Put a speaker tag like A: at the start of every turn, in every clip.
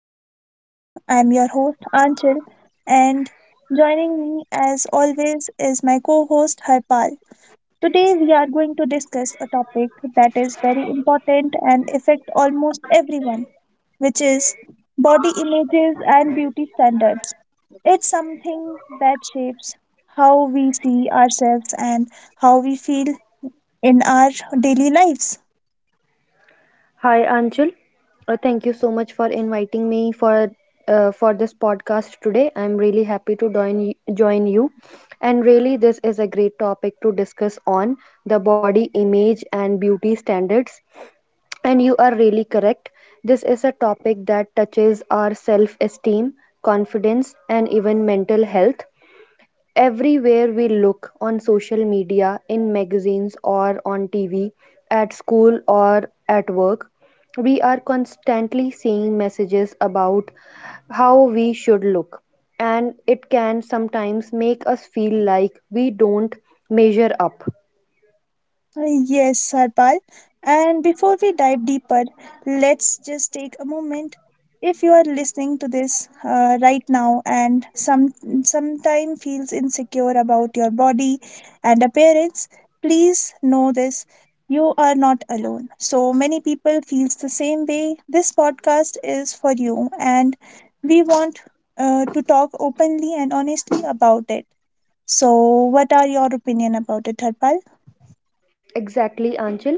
A: podcast. I'm your host, Anchal, and joining me, as always, is my co host, Harpal. Today, we are going to discuss a topic that is very important and affect almost everyone, which is body images and beauty standards. It's something that shapes how we see ourselves and how we feel in our daily lives.
B: Hi, Anchal. Thank you so much for inviting me for this podcast today. I'm really happy to join you, and really this is a great topic to discuss on the body image and beauty standards. And you are really correct. This is a topic that touches our self esteem, confidence, and even mental health. Everywhere we look on social media, in magazines or on TV, at school or at work, we are constantly seeing messages about how we should look. And it can sometimes make us feel like we don't measure up.
A: Uh, Yes, Harpal. And before we dive deeper, let's just take a moment. If you are listening to this right now and sometime feels insecure about your body and appearance, please know this: you are not alone. So many people feels the same way. This podcast is for you, and we want to talk openly and honestly about it. So, what are your opinion about it, Harpal?
B: Exactly, Anchal.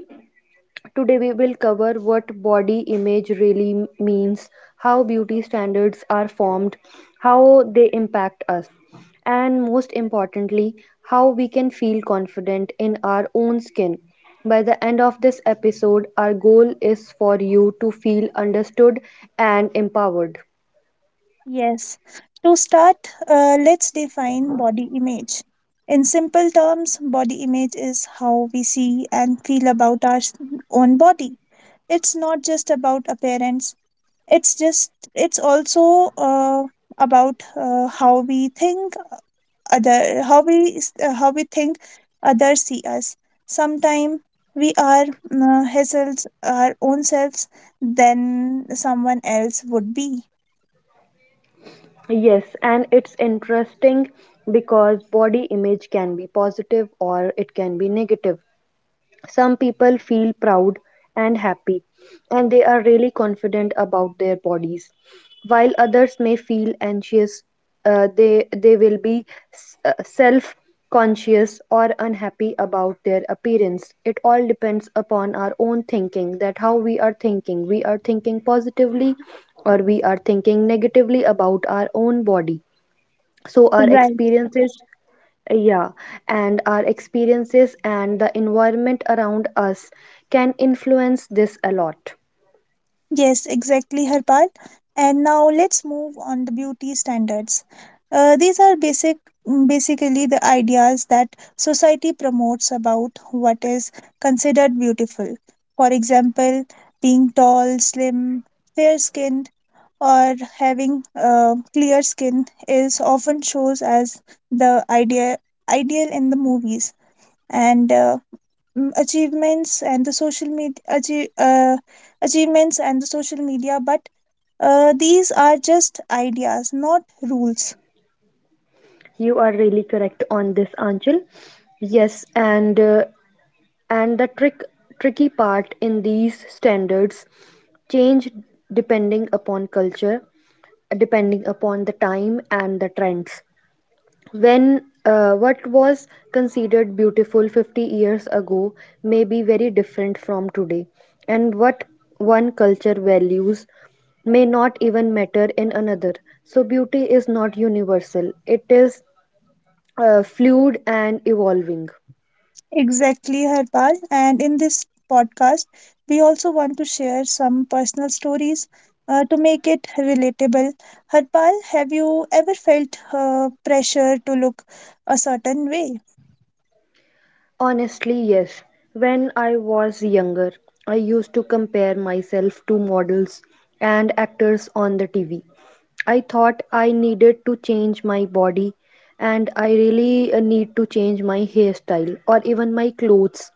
B: Today we will cover what body image really means, how beauty standards are formed, how they impact us, and most importantly, how we can feel confident in our own skin. By the end of this episode, our goal is for you to feel understood and empowered.
A: Yes. To start, let's define body image. In simple terms, body image is how we see and feel about own body. It's not just about appearance. It's also about how we think other how we s- how we think others see us. Sometimes we are ourselves, our own selves than someone else would be.
B: Yes, and it's interesting because body image can be positive or it can be negative. Some people feel proud and happy, and they are really confident about their bodies. While others may feel anxious, they will be self conscious or unhappy about their appearance. It all depends upon our own thinking that how we are thinking. We are thinking positively or we are thinking negatively about our own body, so our
A: Right.
B: experiences, yeah, and our experiences and the environment around us can influence this a lot.
A: Yes, exactly, Harpal. And now let's move on the beauty standards. These are basically the ideas that society promotes about what is considered beautiful. For example, being tall, slim, fair skinned, or having clear skin is often shows as the ideal in the movies. And mm, achievements and the social media achie- achievements and the social media, but these are just ideas, not rules.
B: You are really correct on this, Anchal. Yes, and the tricky part in these standards change depending upon culture, depending upon the time and the trends. When what was considered beautiful 50 years ago may be very different from today, and what one culture values may not even matter in another. So beauty is not universal. It is fluid and evolving.
A: Exactly, Harpal, and in this podcast we also want to share some personal stories to make it relatable. Harpal, have you ever felt pressure to look a certain way?
B: Honestly, yes. When I was younger, I used to compare myself to models and actors on the TV. I thought I needed to change my body, and I really need to change my hairstyle or even my clothes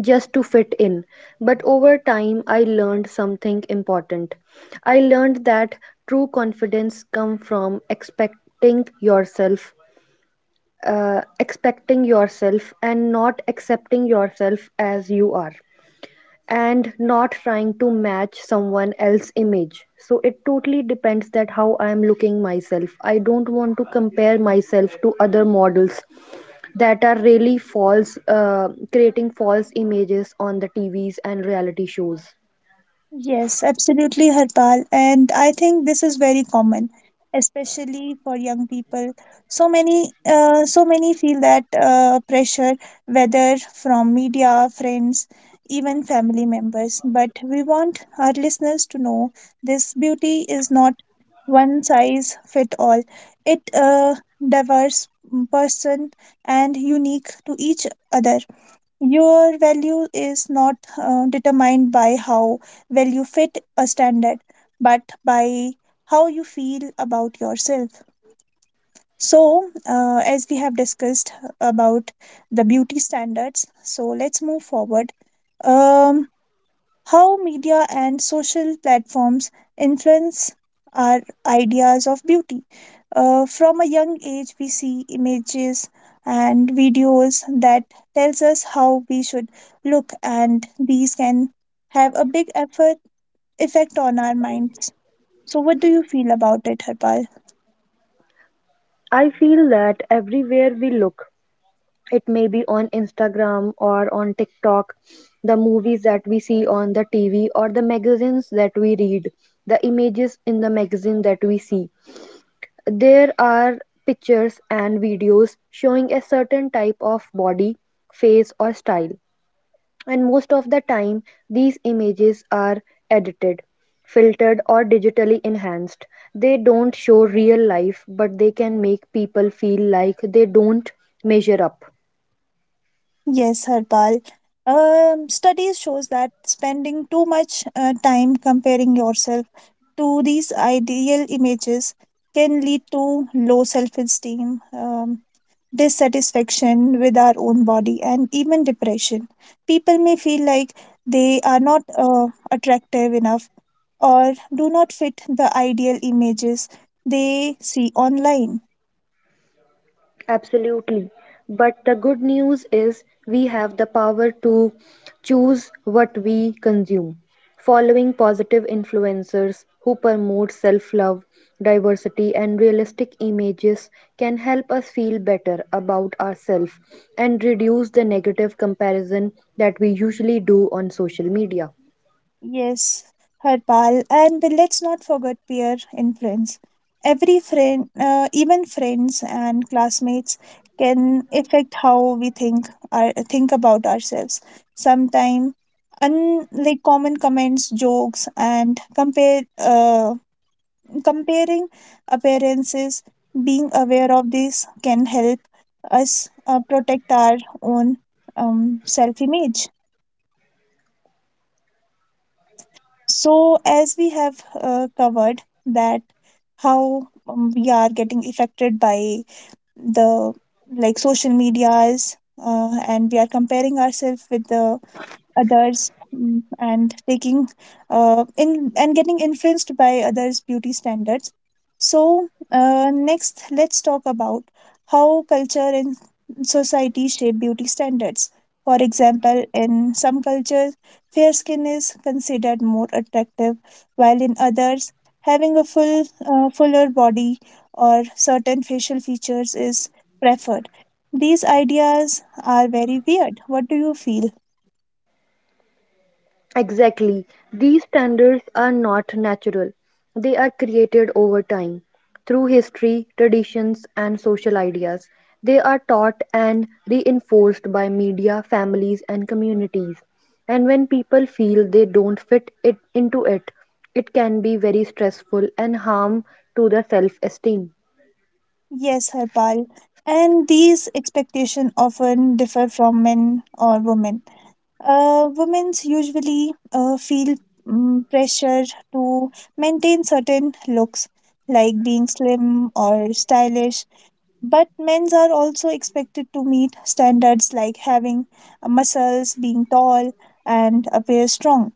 B: just to fit in. But over time, I learned something important. I learned that true confidence comes from expecting yourself and not accepting yourself as you are, and not trying to match someone else's image. So it totally depends that how I am looking myself. I don't want to compare myself to other models that are really false, creating false images on the TVs and reality shows.
A: Yes, absolutely, Harpal. And I think this is very common, especially for young people. So many feel that pressure, whether from media, friends, even family members. But we want our listeners to know this beauty is not one size fit all. It diverse person and unique to each other. Your value is not determined by how well you fit a standard, but by how you feel about yourself. So, as we have discussed about the beauty standards, so let's move forward. Um, how media and social platforms influence our ideas of beauty. From a young age, we see images and videos that tells us how we should look, and these can have a big effort effect on our minds. So, what do you feel about it, Harpal?
B: I feel that everywhere we look, it may be on Instagram or on TikTok, the movies that we see on the TV or the magazines that we read, the images in the magazine that we see. There are pictures and videos showing a certain type of body, face, or style, and most of the time, these images are edited, filtered or digitally enhanced. They don't show real life, but they can make people feel like they don't measure up.
A: Yes, Harpal. Studies shows that spending too much time comparing yourself to these ideal images can lead to low self-esteem, dissatisfaction with our own body, and even depression. People may feel like they are not attractive enough or do not fit the ideal images they see online.
B: Absolutely. But the good news is we have the power to choose what we consume. Following positive influencers who promote self love, diversity, and realistic images can help us feel better about ourselves and reduce the negative comparison that we usually do on social media.
A: Yes, Harpal, and let's not forget peer influence. Even friends and classmates can affect how we think about ourselves. Sometimes, like common comments, jokes, and compare comparing appearances. Being aware of this can help us protect our own self image. So as we have covered that how we are getting affected by the like social medias, and we are comparing ourselves with the others, and taking in and getting influenced by others beauty standards, so next let's talk about how culture and society shape beauty standards. For example, in some cultures fair skin is considered more attractive, while in others having a fuller body or certain facial features is preferred. These ideas are very weird. What do you feel?
B: Exactly. These standards are not natural. They are created over time through history, traditions, and social ideas. They are taught and reinforced by media, families, and communities. And when people feel they don't fit it into it, it can be very stressful and harm to their self-esteem.
A: Yes, Harpal. And these expectations often differ from men or women. Women usually feel pressure to maintain certain looks, like being slim or stylish. But men are also expected to meet standards like having muscles, being tall, and appear strong.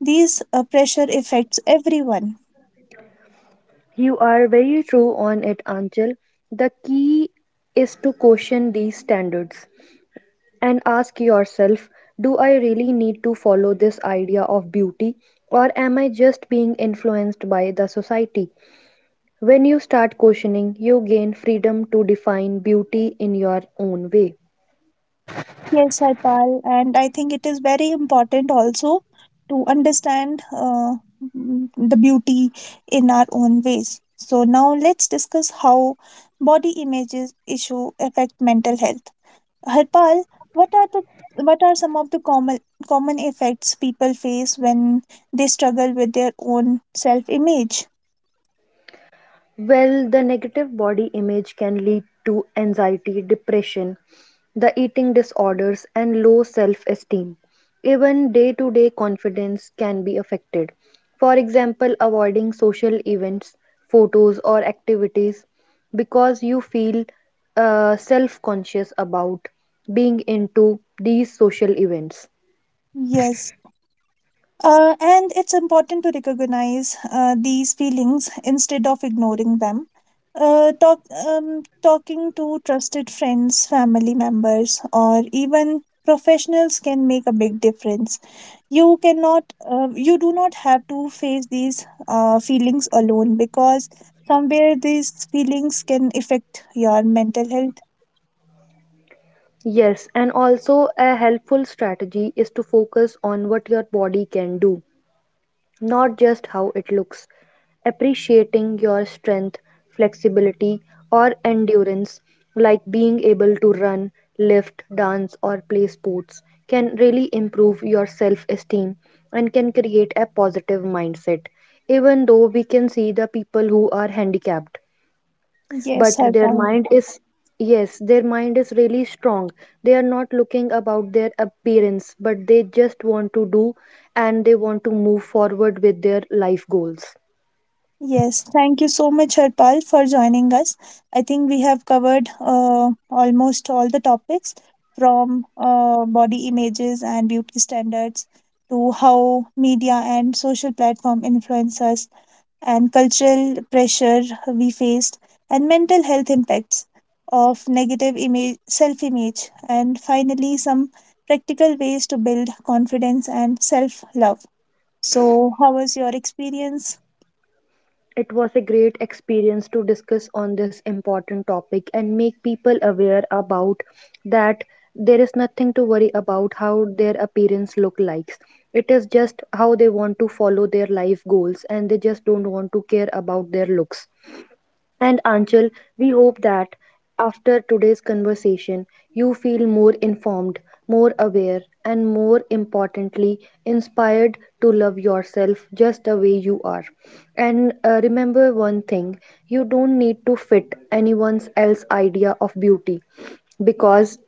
A: These pressure affects everyone.
B: You are very true on it, Anchal. The key is to question these standards and ask yourself, do I really need to follow this idea of beauty, or am I just being influenced by the society? When you start questioning, you gain freedom to define beauty in your own way.
A: Yes, Harpal, and I think it is very important also to understand the beauty in our own ways. So now let's discuss how body images issue affect mental health. Harpal, what are the what are some of the common effects people face when they struggle with their own self image?
B: Well, the negative body image can lead to anxiety, depression, the eating disorders, and low self esteem. Even day to day confidence can be affected. For example, avoiding social events, photos, or activities because you feel self conscious about being into these social events.
A: Yes. And it's important to recognize these feelings instead of ignoring them. Uh, talk, talking to trusted friends, family members, or even professionals can make a big difference. You do not have to face these feelings alone, because somewhere these feelings can affect your mental health.
B: Yes, and also a helpful strategy is to focus on what your body can do, not just how it looks. Appreciating your strength, flexibility, or endurance, like being able to run, lift, dance, or play sports, can really improve your self esteem and can create a positive mindset. Even though we can see the people who are handicapped,
A: Yes,
B: but their
A: Harpan.
B: mind is yes, their mind is really strong. They are not looking about their appearance, but they just want to do, and they want to move forward with their life goals.
A: Yes, thank you so much, Harpal, for joining us. I think we have covered almost all the topics, from body images and beauty standards to how media and social platform influence us and cultural pressure we faced and mental health impacts of negative image, self-image, and finally some practical ways to build confidence and self-love. So, how was your experience?
B: It was a great experience to discuss on this important topic and make people aware about that there is nothing to worry about how their appearance look likes. It is just how they want to follow their life goals, and they just don't want to care about their looks. And Anchal, we hope that after today's conversation, you feel more informed, more aware, and more importantly, inspired to love yourself just the way you are. And remember one thing, you don't need to fit anyone's else idea of beauty because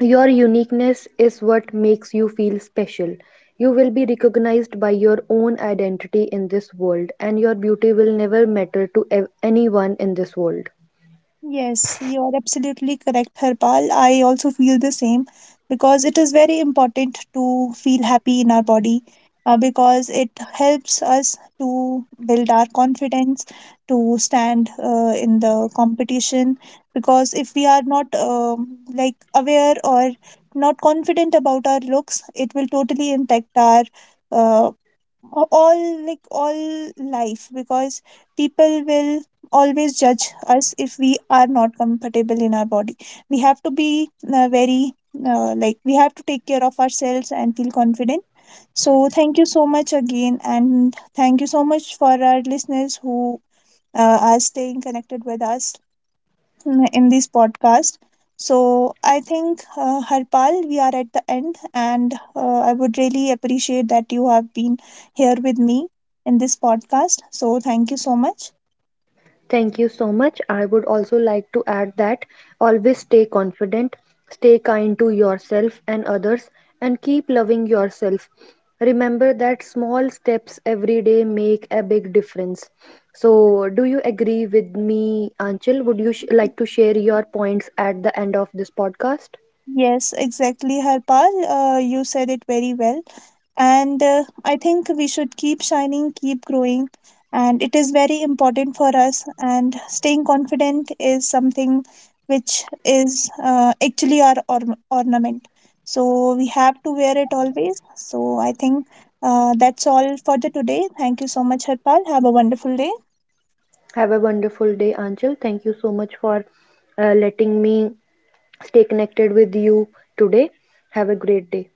B: your uniqueness is what makes you feel special. You will be recognized by your own identity in this world, and your beauty will never matter to anyone in this world.
A: Yes, you are absolutely correct, Harpal. I also feel the same because it is very important to feel happy in our body, because it helps us to build our confidence, to stand in the competition. Because if we are not like aware or not confident about our looks, it will totally impact our uh, all all life, because people will always judge us. If we are not comfortable in our body, we have to be very like, we have to take care of ourselves and feel confident. So thank you so much again, and thank you so much for our listeners who are staying connected with us in this podcast. So I think, Harpal, we are at the end, and I would really appreciate that you have been here with me in this podcast. So thank you so much.
B: Thank you so much. I would also like to add that always stay confident, stay kind to yourself and others, and keep loving yourself. Remember that small steps every day make a big difference. So, do you agree with me, Anchal? Would you like to share your points at the end of this podcast?
A: Yes, exactly, Harpal. You said it very well. And I think we should keep shining, keep growing. And it is very important for us. And staying confident is something which is actually our ornament. So we have to wear it always. So I think that's all for the today. Thank you so much, Harpal. Have a wonderful day.
B: Have a wonderful day, Anchal. Thank you so much for letting me stay connected with you today. Have a great day.